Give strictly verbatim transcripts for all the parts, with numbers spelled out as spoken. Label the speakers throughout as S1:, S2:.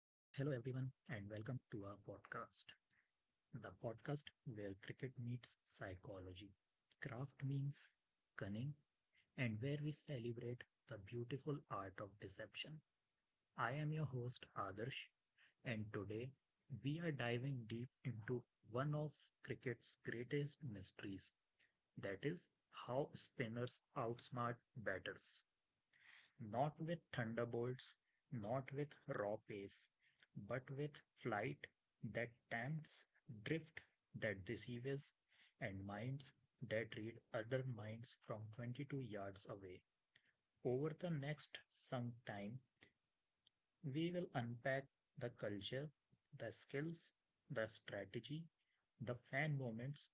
S1: and welcome to our podcast. The podcast where cricket meets psychology, craft means cunning, and where we celebrate the beautiful art of deception. I am your host, Adarsh, and today we are diving deep into one of cricket's greatest mysteries, that is, how spinners outsmart batters not with thunderbolts, not with raw pace, but with flight that tempts, drift that deceives, and minds that read other minds from twenty-two yards away. Over the next some time, we will unpack the culture, the skills, the strategy, the fan moments,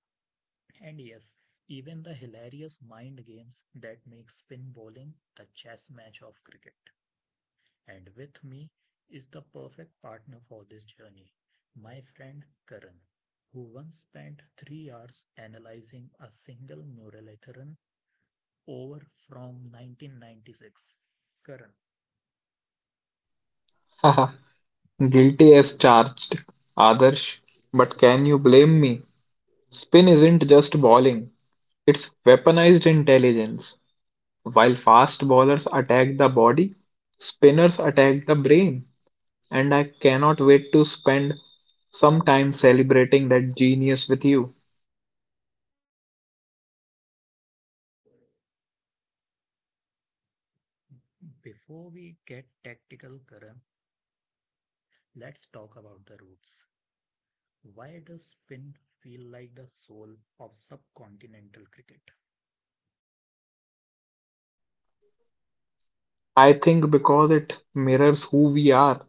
S1: and yes, even the hilarious mind games that make spin bowling the chess match of cricket. And with me is the perfect partner for this journey, my friend Karan, who once spent three hours analyzing a single muralitharan over from nineteen ninety-six. Karan,
S2: Haha,
S1: haha.
S2: guilty as charged, Adarsh. But can you blame me? Spin isn't just bowling, it's weaponized intelligence. While fast bowlers attack the body, spinners attack the brain. And I cannot wait to spend some time celebrating that genius with you.
S1: Before we get tactical, Karan, let's talk about the roots. Why does spin feel like the soul of subcontinental cricket?
S2: I think because it mirrors who we are.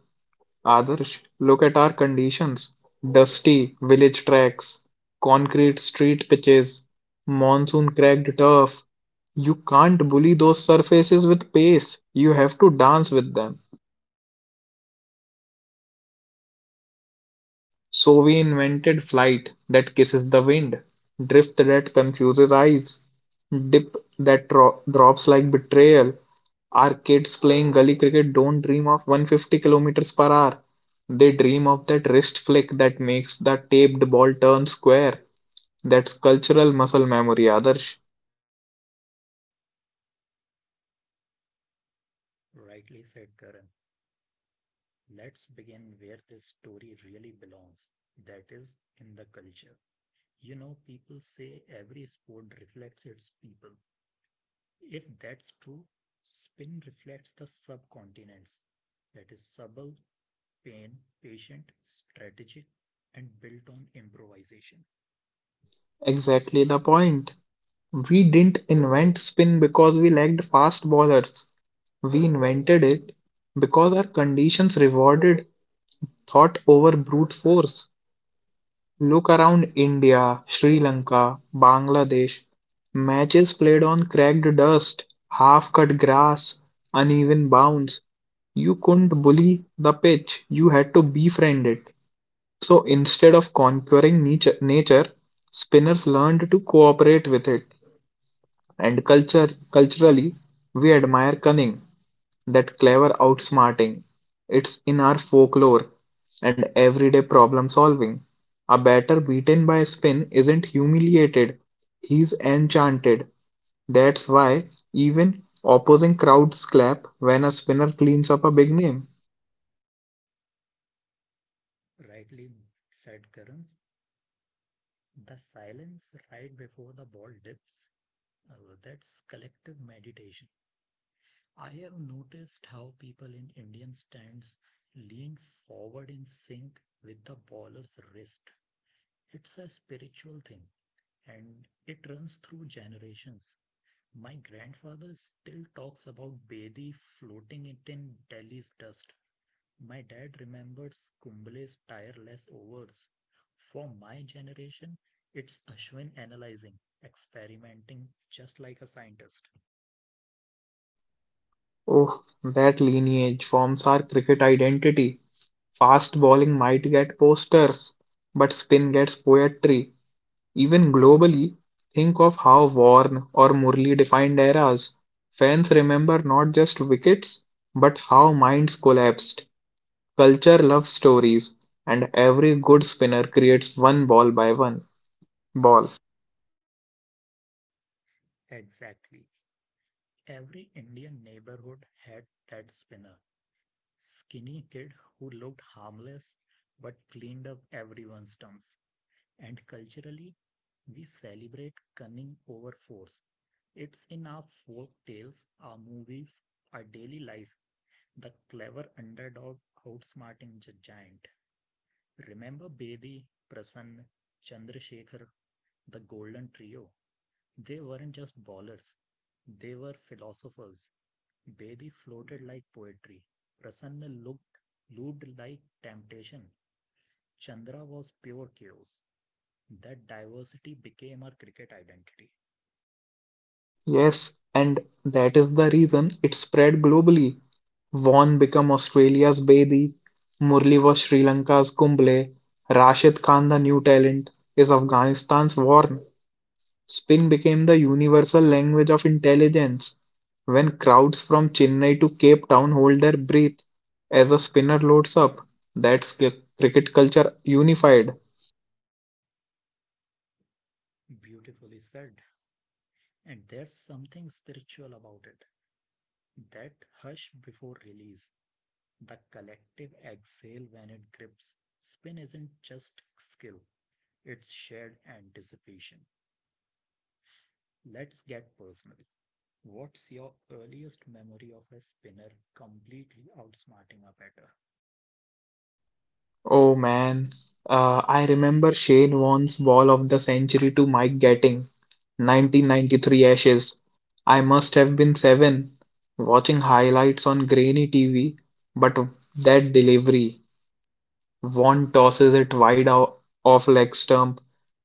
S2: Adarsh, look at our conditions: dusty village tracks, concrete street pitches, monsoon cracked turf. You can't bully those surfaces with pace, you have to dance with them. So we invented flight that kisses the wind, drift that confuses eyes, dip that dro- drops like betrayal. Our kids playing gully cricket don't dream of one hundred fifty kilometers per hour. They dream of that wrist flick that makes the taped ball turn square. That's cultural muscle memory, Adarsh.
S1: Rightly said, Karan. Let's begin where this story really belongs, that is, in the culture. You know, people say every sport reflects its people. If that's true, spin reflects the subcontinents. That is subtle, pain, patient, strategic, and built on improvisation.
S2: Exactly the point. We didn't invent spin because we lacked fast bowlers. We invented it because our conditions rewarded thought over brute force. Look around India, Sri Lanka, Bangladesh. Matches played on cracked dust, half-cut grass, uneven bounds. You couldn't bully the pitch, you had to befriend it. So instead of conquering nature, nature, spinners learned to cooperate with it. And culture, culturally, we admire cunning, that clever outsmarting. It's in our folklore and everyday problem solving. A batter beaten by a spin isn't humiliated, he's enchanted. That's why even opposing crowds clap when a spinner cleans up a big name.
S1: Rightly said, Karan, the silence right before the ball dips, uh, that's collective meditation. I have noticed how people in Indian stands lean forward in sync with the baller's wrist. It's a spiritual thing, and it runs through generations. My grandfather still talks about Bedi floating it in Delhi's dust. My dad remembers Kumble's tireless overs. For my generation, it's Ashwin analyzing, experimenting just like a scientist.
S2: Oh, that lineage forms our cricket identity. Fast bowling might get posters, but spin gets poetry. Even globally, think of how Warren or Murli defined eras. Fans remember not just wickets, but how minds collapsed. Culture loves stories, and every good spinner creates one ball by one ball.
S1: Exactly. Every Indian neighborhood had that spinner. Skinny kid who looked harmless but cleaned up everyone's dumps. And culturally, we celebrate cunning over force. It's in our folk tales, our movies, our daily life, the clever underdog outsmarting the giant. Remember Bedi, Prasanna, Chandrasekhar, the Golden Trio? They weren't just ballers, they were philosophers. Bedi floated like poetry. Prasanna looked, looped like temptation. Chandra was pure chaos. That diversity became our cricket identity.
S2: Yes, and that is the reason it spread globally. Vaughan became Australia's Bedi, Murli was Sri Lanka's Kumble, Rashid Khan, the new talent, is Afghanistan's Warren. Spin became the universal language of intelligence when crowds from Chennai to Cape Town hold their breath as a spinner loads up. That's cricket culture unified.
S1: Beautifully said. And there's something spiritual about it. That hush before release, the collective exhale when it grips. Spin isn't just skill, it's shared anticipation. Let's get personal. What's your earliest memory of a spinner completely outsmarting a batter?
S2: Oh man, uh, I remember Shane Warne's ball of the century to Mike Gatting, nineteen ninety-three Ashes. I must have been seven, watching highlights on grainy T V, but that delivery. Vaughn tosses it wide out off leg stump,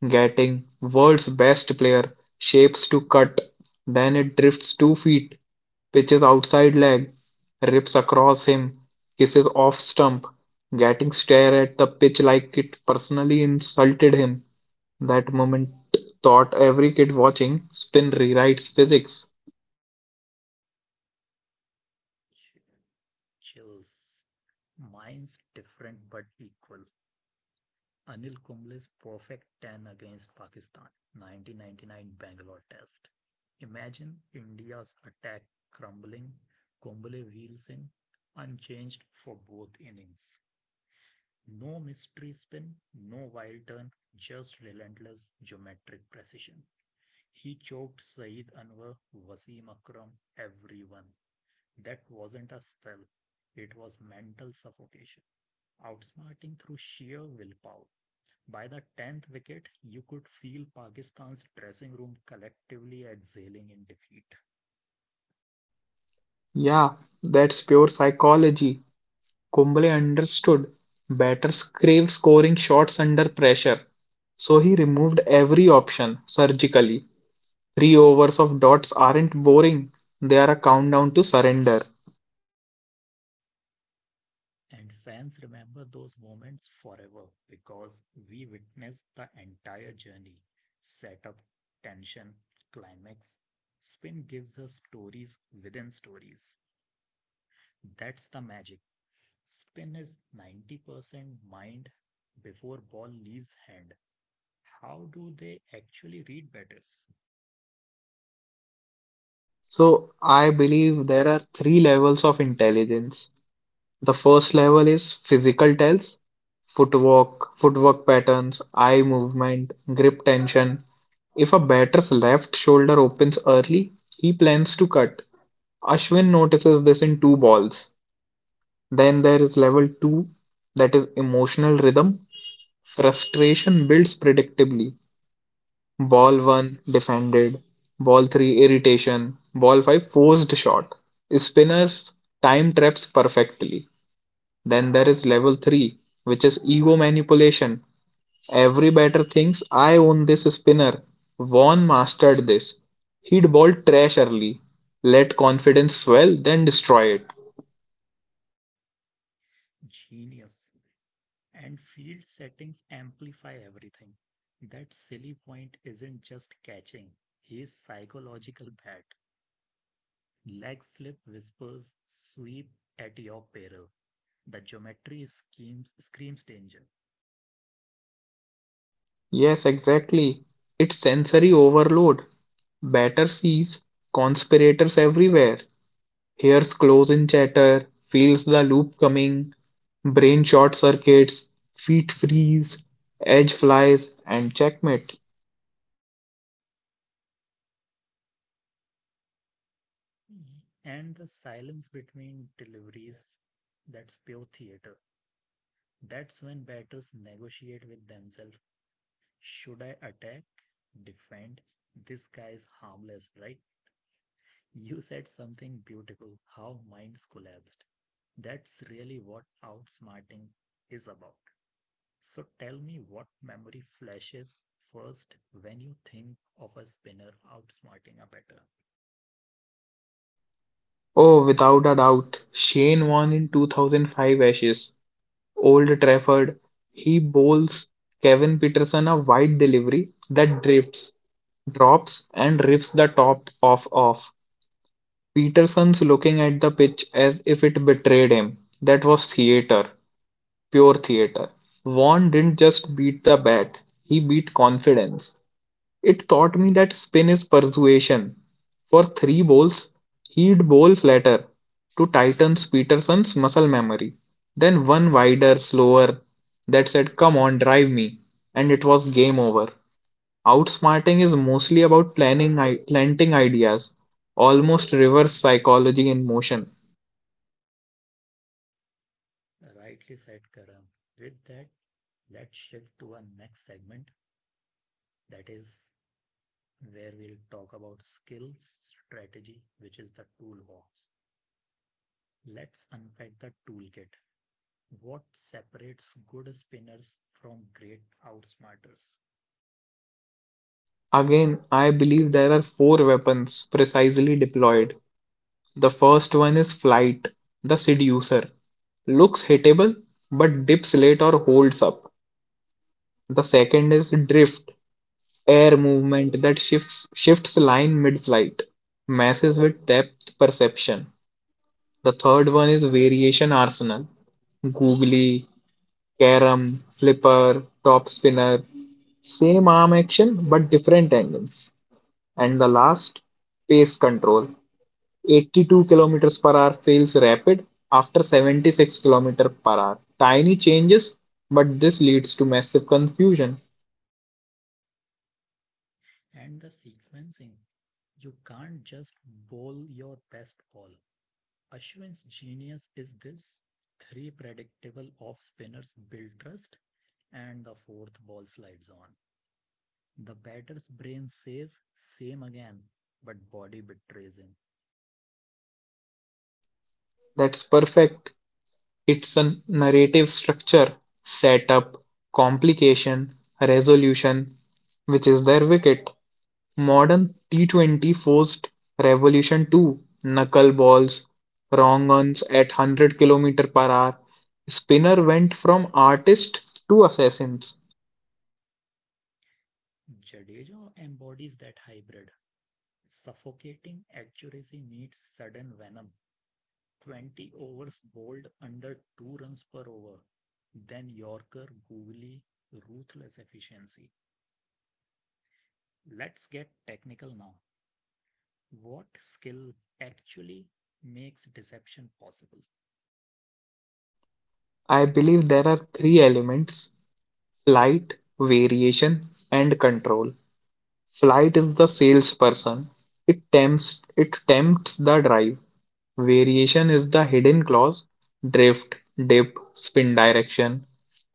S2: getting "World's Best Player" shapes to cut, then it drifts two feet, pitches outside leg, rips across him, kisses off stump, getting stare at the pitch like it personally insulted him. That moment taught every kid watching spin rewrites physics.
S1: Chills. Mine's different but equal. Anil Kumble's perfect ten against Pakistan, nineteen ninety-nine Bangalore Test. Imagine India's attack crumbling, Kumble wheels in, unchanged for both innings. No mystery spin, no wild turn, just relentless geometric precision. He choked Saeed Anwar, Wasim Akram, everyone. That wasn't a spell, it was mental suffocation, outsmarting through sheer willpower. By the tenth wicket, you could feel Pakistan's dressing room collectively exhaling in defeat.
S2: Yeah, that's pure psychology. Kumble understood. Batters crave scoring shots under pressure. So he removed every option, surgically. Three overs of dots aren't boring, they are a countdown to surrender.
S1: And fans remember those moments forever because we witnessed the entire journey: setup, tension, climax. Spin gives us stories within stories. That's the magic. Spin is ninety percent mind before ball leaves hand. How do they actually read batters?
S2: So I believe there are three levels of intelligence. The first level is physical tells, footwork, footwork patterns, eye movement, grip tension. If a batter's left shoulder opens early, he plans to cut. Ashwin notices this in two balls. Then there is level two, that is emotional rhythm. Frustration builds predictably. Ball one defended, ball three irritation, ball five forced shot. Spinners time traps perfectly. Then there is level three, which is ego manipulation. Every batter thinks I own this spinner. Vaughan mastered this. He'd ball trash early, let confidence swell, then destroy it.
S1: Genius. And field settings amplify everything. That silly point isn't just catching, his psychological bat. Leg slip whispers sweep at your peril. The geometry schemes, screams danger,
S2: Yes, exactly. It's sensory overload. Batter sees conspirators everywhere. Ears close in chatter, feels the loop coming, brain short circuits, feet freeze, edge flies, and checkmate.
S1: and the silence between deliveries, that's pure theater. That's when batters negotiate with themselves. Should I attack? Defend? This guy is harmless, right? You said something beautiful, how minds collapsed. That's really what outsmarting is about. So tell me what memory flashes first when you think of a spinner outsmarting a better.
S2: Oh, without a doubt, Shane won in two thousand five Ashes. Old Trafford, he bowls Kevin Peterson a wide delivery that drifts, drops, and rips the top off off. Peterson's looking at the pitch as if it betrayed him. That was theatre, pure theater. Vaughn didn't just beat the bat, he beat confidence. It taught me that spin is persuasion. For three balls, he'd bowl flatter to tighten Peterson's muscle memory. Then one wider, slower, that said, "Come on, drive me." And it was game over. Outsmarting is mostly about planning, planting ideas, almost reverse psychology in motion.
S1: Rightly said, Karan. With that, let's shift to our next segment. That is where we'll talk about skills strategy, which is the toolbox. Let's unpack the toolkit, what separates good spinners from great outsmarters.
S2: Again, I believe there are four weapons precisely deployed. The first one is flight, the seducer. Looks hittable but dips late or holds up. The second is drift, air movement that shifts shifts line mid-flight, messes with depth perception. The third one is variation arsenal, googly, carom, flipper, top spinner, same arm action but different angles. And the last, pace control, eighty-two kilometers per hour feels rapid after seventy-six kilometers per hour. Tiny changes, but this leads to massive confusion.
S1: And the sequencing. You can't just bowl your best ball. Ashwin's genius is this: three predictable off spinners build trust, and the fourth ball slides on. The batter's brain says, same again, but body betrays him.
S2: That's perfect. It's a narrative structure, setup, complication, resolution, which is their wicket. Modern T twenty forced revolution too. Knuckle balls, wrong ons at one hundred kilometers per hour. Spinner went from artist to assassins.
S1: Jadeja embodies that hybrid. Suffocating accuracy needs sudden venom, twenty overs bowled under two runs per over, then Yorker, Googly, ruthless efficiency. Let's get technical now. What skill actually makes deception possible?
S2: I believe there are three elements: flight, variation, and control. Flight is the salesperson, it tempts, it tempts the drive. Variation is the hidden clause: drift, dip, spin direction.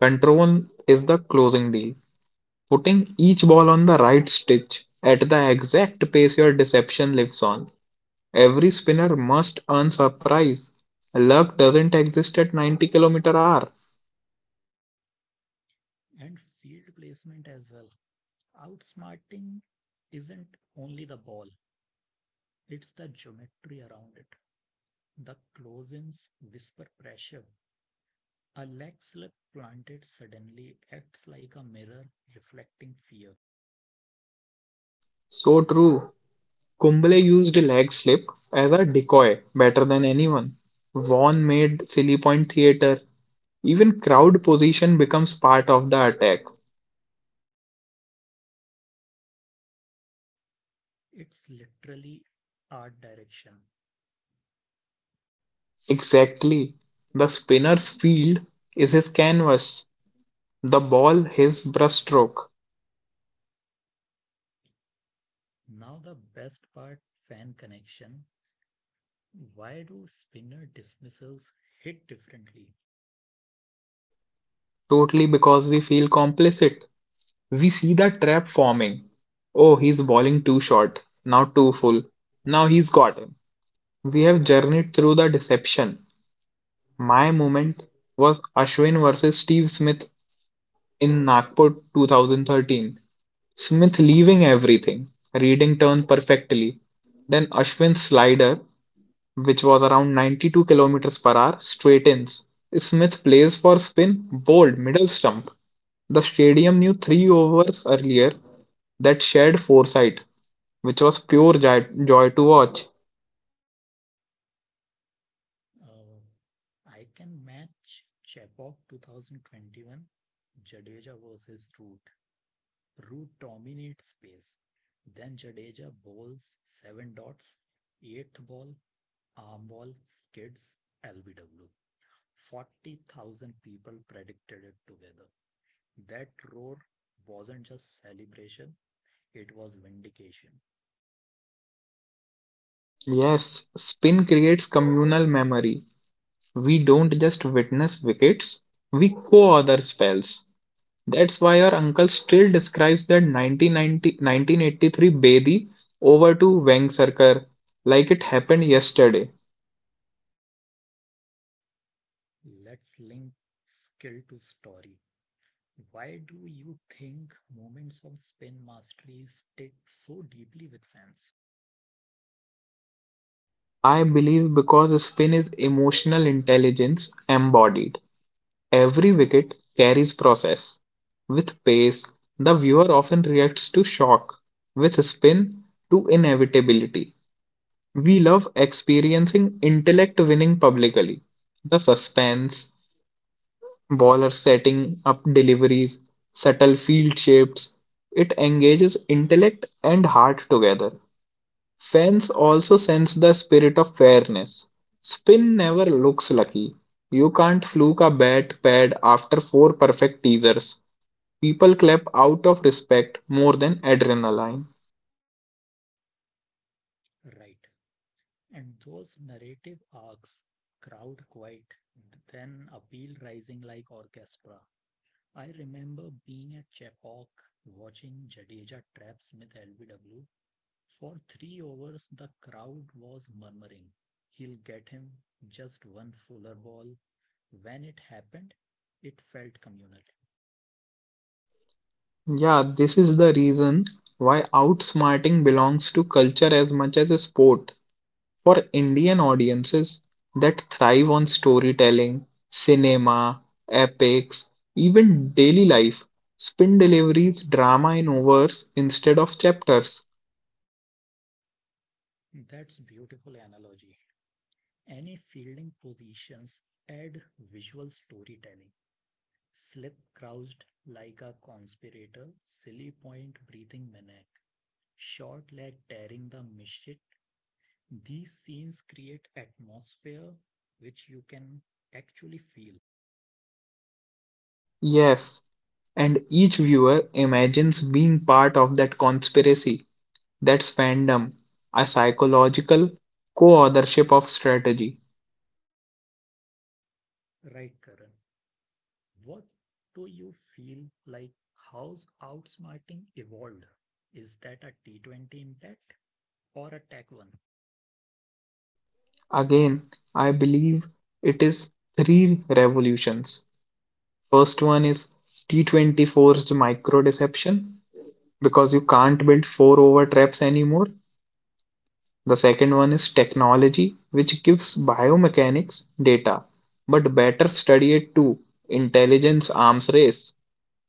S2: Control is the closing deal, putting each ball on the right stitch at the exact pace your deception lives on. Every spinner must earn surprise. Luck doesn't exist at ninety kilometer hour.
S1: And field placement as well. Outsmarting isn't only the ball, it's the geometry around it. The close ins whisper pressure. A leg slip planted suddenly acts like a mirror reflecting fear.
S2: So true. Kumble used leg slip as a decoy better than anyone. Vaughan made silly point theater. Even crowd position becomes part of the attack.
S1: It's literally art direction.
S2: Exactly. The spinner's field is his canvas, the ball his brushstroke.
S1: Now, the best part, fan connection. Why do spinner dismissals hit differently?
S2: Totally, because we feel complicit. We see the trap forming. Oh, he's bowling too short, now too full. Now he's got him. We have journeyed through the deception. My moment was Ashwin versus Steve Smith in Nagpur twenty thirteen, Smith leaving everything, reading turn perfectly, then Ashwin's slider, which was around ninety-two kilometers per hour, straightens. Smith plays for spin, bowled middle stump. The stadium knew three overs earlier, that shared foresight, which was pure joy, joy to watch.
S1: Uh, I can match Chekhov twenty twenty-one, Jadeja versus Root. Root dominates space. Then Jadeja bowls seven dots, eighth ball, arm ball, skids, L B W. forty thousand people predicted it together. That roar wasn't just celebration, it was vindication.
S2: Yes, spin creates communal memory. We don't just witness wickets, we co author spells. That's why our uncle still describes that nineteen ninety Bedi over to Vengsarkar, like it happened yesterday.
S1: Let's link skill to story. Why do you think moments of spin mastery stick so deeply with fans?
S2: I believe because spin is emotional intelligence embodied. Every wicket carries process. With pace, the viewer often reacts to shock. With spin, to inevitability. We love experiencing intellect winning publicly. The suspense, bowlers setting up deliveries, subtle field shapes. It engages intellect and heart together. Fans also sense the spirit of fairness. Spin never looks lucky. You can't fluke a bat pad after four perfect teasers. People clap out of respect more than adrenaline.
S1: Right. And those narrative arcs, crowd quiet, then appeal rising like orchestra. I remember being at Chepauk watching Jadeja trap Smith L B W. For three overs the crowd was murmuring, he'll get him, just one fuller ball. When it happened, it felt communal.
S2: Yeah, this is the reason why outsmarting belongs to culture as much as a sport. For Indian audiences that thrive on storytelling, cinema, epics, even daily life, spin delivers drama in hours instead of chapters.
S1: That's beautiful analogy. Any fielding positions add visual storytelling. Slip crouched like a conspirator, silly point breathing maniac, short leg tearing the misfit. These scenes create atmosphere which you can actually feel.
S2: Yes, and each viewer imagines being part of that conspiracy. That's fandom, a psychological co authorship of strategy.
S1: Right, Karan. What do you feel like, how's outsmarting evolved? Is that a T twenty impact or a tech one?
S2: Again, I believe it is three revolutions. First one is T twenty forced micro deception, because you can't build four over traps anymore. The second one is technology, which gives biomechanics data, but better study it too. Intelligence arms race.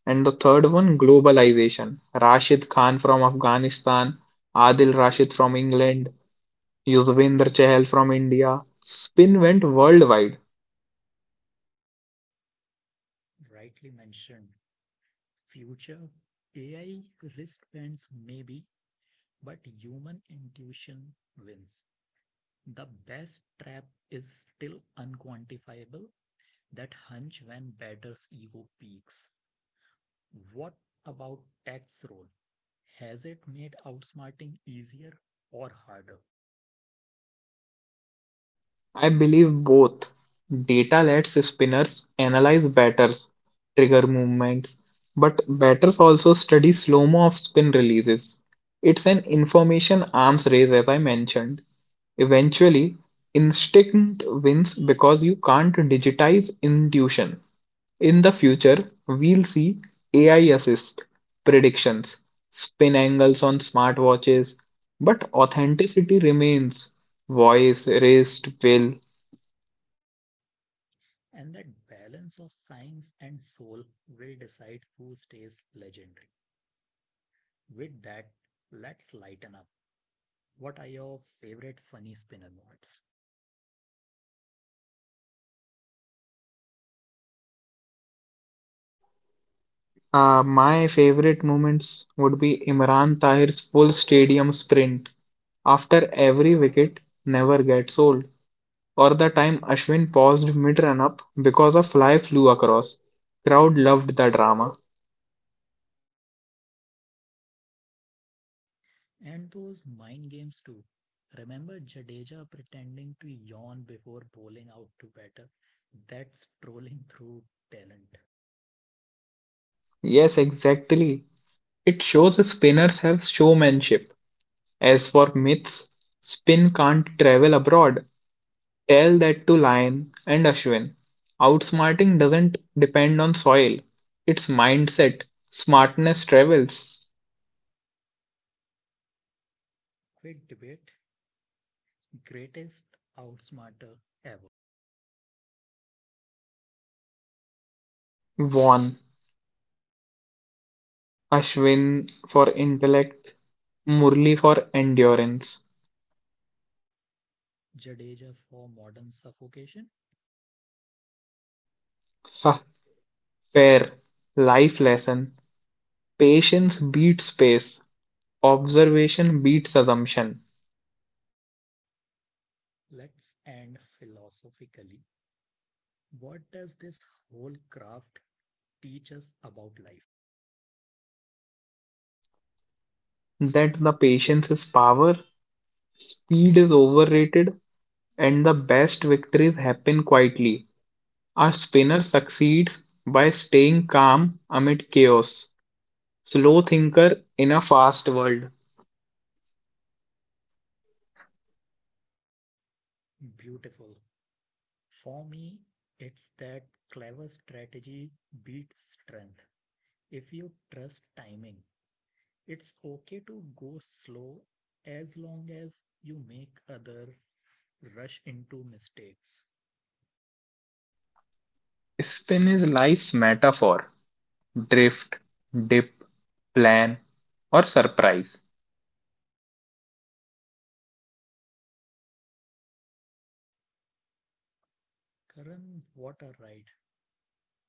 S2: And the third one, globalization. Rashid Khan from Afghanistan, Adil Rashid from England, Yuzvendra Chahal from India. Spin went worldwide.
S1: Rightly mentioned. Future A I wristbands maybe, but human intuition wins. The best trap is still unquantifiable, that hunch when batter's ego peaks. What about tech's role? Has it made outsmarting easier or harder?
S2: I believe both. Data lets spinners analyze batters' trigger movements, but batters also study slow-mo of spin releases. It's an information arms race, as I mentioned. Eventually, instinct wins because you can't digitize intuition. In the future, we'll see A I assist predictions, spin angles on smartwatches, but authenticity remains voice, wrist, will.
S1: And that balance of science and soul will decide who stays legendary. With that, let's lighten up. What are your favorite funny spinner mods?
S2: Uh, my favorite moments would be Imran Tahir's full stadium sprint after every wicket never gets old, or the time Ashwin paused mid-run up because a fly flew across. Crowd loved the drama.
S1: And those mind games too. Remember Jadeja pretending to yawn before bowling out to batter? That's trolling through talent.
S2: Yes, exactly. It shows spinners have showmanship. As for myths, spin can't travel abroad. Tell that to Lion and Ashwin. Outsmarting doesn't depend on soil. It's mindset. Smartness travels.
S1: Quick debate, greatest outsmarter ever.
S2: Vaughan, Ashwin for intellect, Murli for endurance.
S1: Jadeja for modern suffocation?
S2: Huh, fair. Life lesson. Patience beats pace. Observation beats assumption.
S1: Let's end philosophically. What does this whole craft teach us about life?
S2: That the patience is power, speed is overrated, and the best victories happen quietly. A spinner succeeds by staying calm amid chaos. Slow thinker in a fast world.
S1: Beautiful. For me, it's that clever strategy beats strength. If you trust timing, it's okay to go slow as long as you make other rush into mistakes.
S2: Spin is life's metaphor: drift, dip, plan, or surprise.
S1: Karan, what a ride.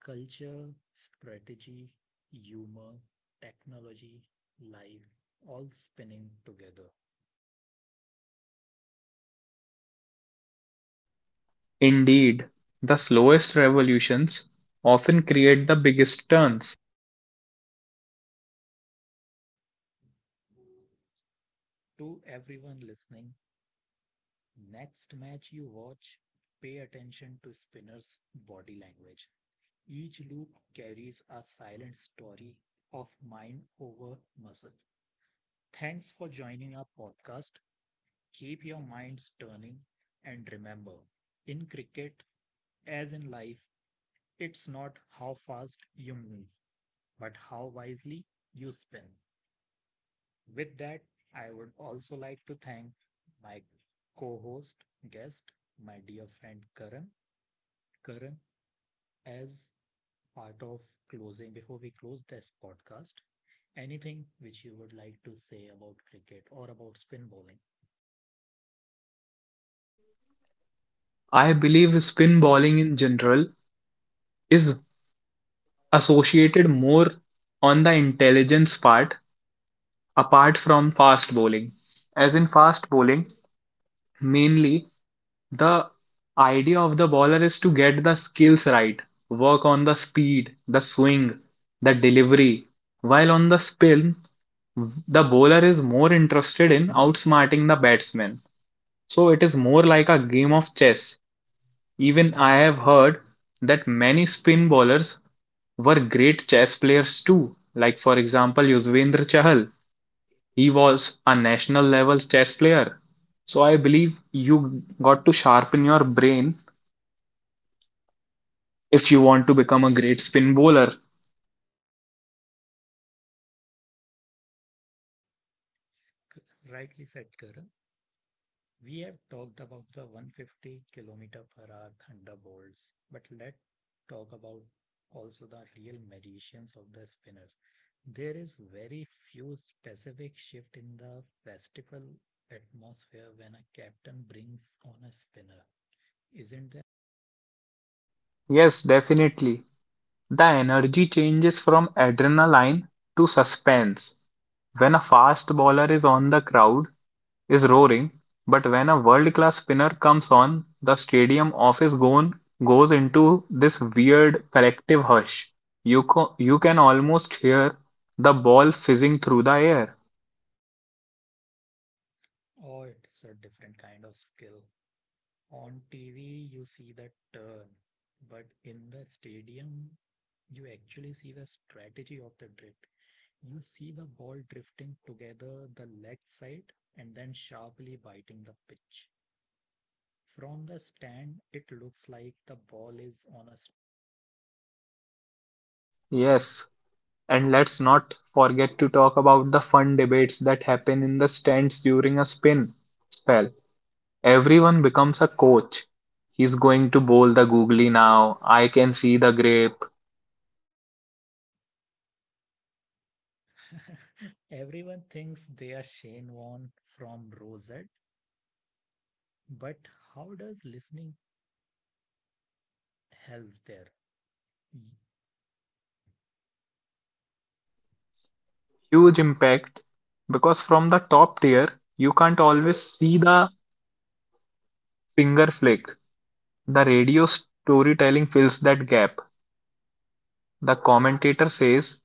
S1: Culture, strategy, humor, technology, life, all spinning together.
S2: Indeed, the slowest revolutions often create the biggest turns.
S1: To everyone listening, next match you watch, pay attention to spinner's body language. Each loop carries a silent story of mind over muscle. Thanks for joining our podcast. Keep your minds turning and remember, in cricket, as in life, it's not how fast you move, but how wisely you spin. With that, I would also like to thank my co host, guest, my dear friend Karan. Karan, as part of closing, before we close this podcast, anything which you would like to say about cricket or about spin bowling?
S2: I believe spin bowling in general is associated more on the intelligence part apart from fast bowling. As in fast bowling, mainly the idea of the bowler is to get the skills right, work on the speed, the swing, the delivery, while on the spin, the bowler is more interested in outsmarting the batsman. So it is more like a game of chess. Even I have heard that many spin bowlers were great chess players too. Like for example, Yuzvendra Chahal, he was a national level chess player. So I believe you got to sharpen your brain if you want to become a great spin bowler.
S1: C- Rightly said, Karan. We have talked about the one hundred fifty kilometer per hour thunderbolts, but let's talk about also the real magicians of the spinners. There is very few specific shift in the festival atmosphere when a captain brings on a spinner. Isn't there?
S2: Yes, definitely. The energy changes from adrenaline to suspense. When a fast bowler is on, the crowd is roaring, but when a world-class spinner comes on, the stadium office gone goes into this weird collective hush. You co- you can almost hear the ball fizzing through the air.
S1: Oh, it's a different kind of skill. On T V, you see the turn, but in the stadium, you actually see the strategy of the drift. You see the ball drifting together the leg side and then sharply biting the pitch. From the stand, it looks like the ball is on a.
S2: Yes, and let's not forget to talk about the fun debates that happen in the stands during a spin spell. Everyone becomes a coach. He's going to bowl the googly now. I can see the grape.
S1: st- Everyone thinks they are Shane Warne from Rosette, but how does listening help there?
S2: Huge impact because from the top tier, you can't always see the finger flick. The radio storytelling fills that gap. The commentator says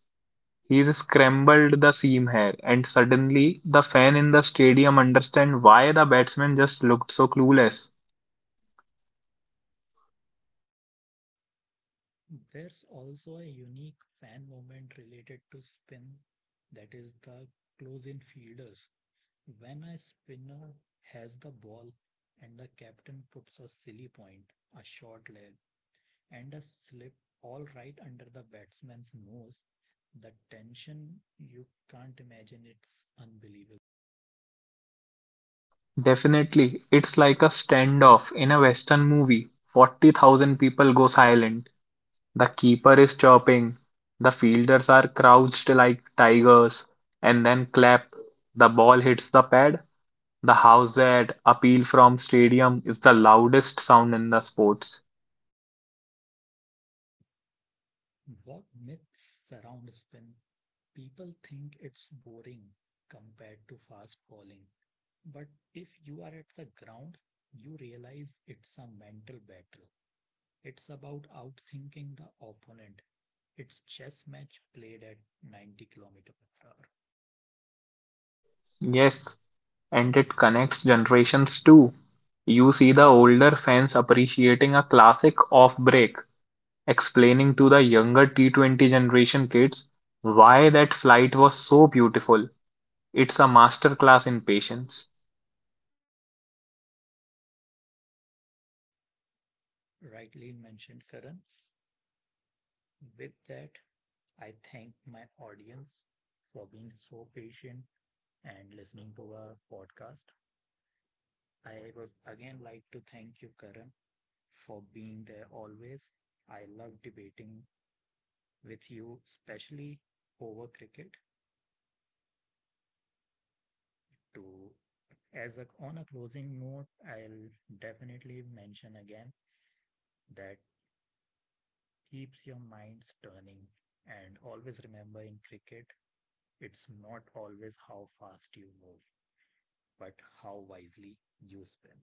S2: he's scrambled the seam here, and suddenly the fan in the stadium understand why the batsman just looked so clueless.
S1: There's also a unique fan movement related to spin, that is the close in fielders. When a spinner has the ball and the captain puts a silly point, a short leg, and a slip all right under the batsman's nose, the tension, you can't imagine, it's unbelievable.
S2: Definitely. It's like a standoff in a Western movie. forty thousand people go silent. The keeper is chirping. The fielders are crouched like tigers. And then clap. The ball hits the pad. The house that appeal from stadium is the loudest sound in the sports.
S1: What myths surround spin? People think it's boring compared to fast bowling, but if you are at the ground, you realize it's a mental battle. It's about outthinking the opponent. It's chess match played at ninety kilometer per hour.
S2: Yes, and it connects generations too. You see the older fans appreciating a classic off break explaining to the younger T twenty generation kids why that flight was so beautiful. It's a masterclass in patience.
S1: Rightly mentioned, Karan. With that, I thank my audience for being so patient and listening to our podcast. I would again like to thank you, Karan, for being there always. I love debating with you, especially over cricket. To as a on a closing note, I'll definitely mention again that keeps your minds turning and always remember, in cricket, it's not always how fast you move, but how wisely you spin.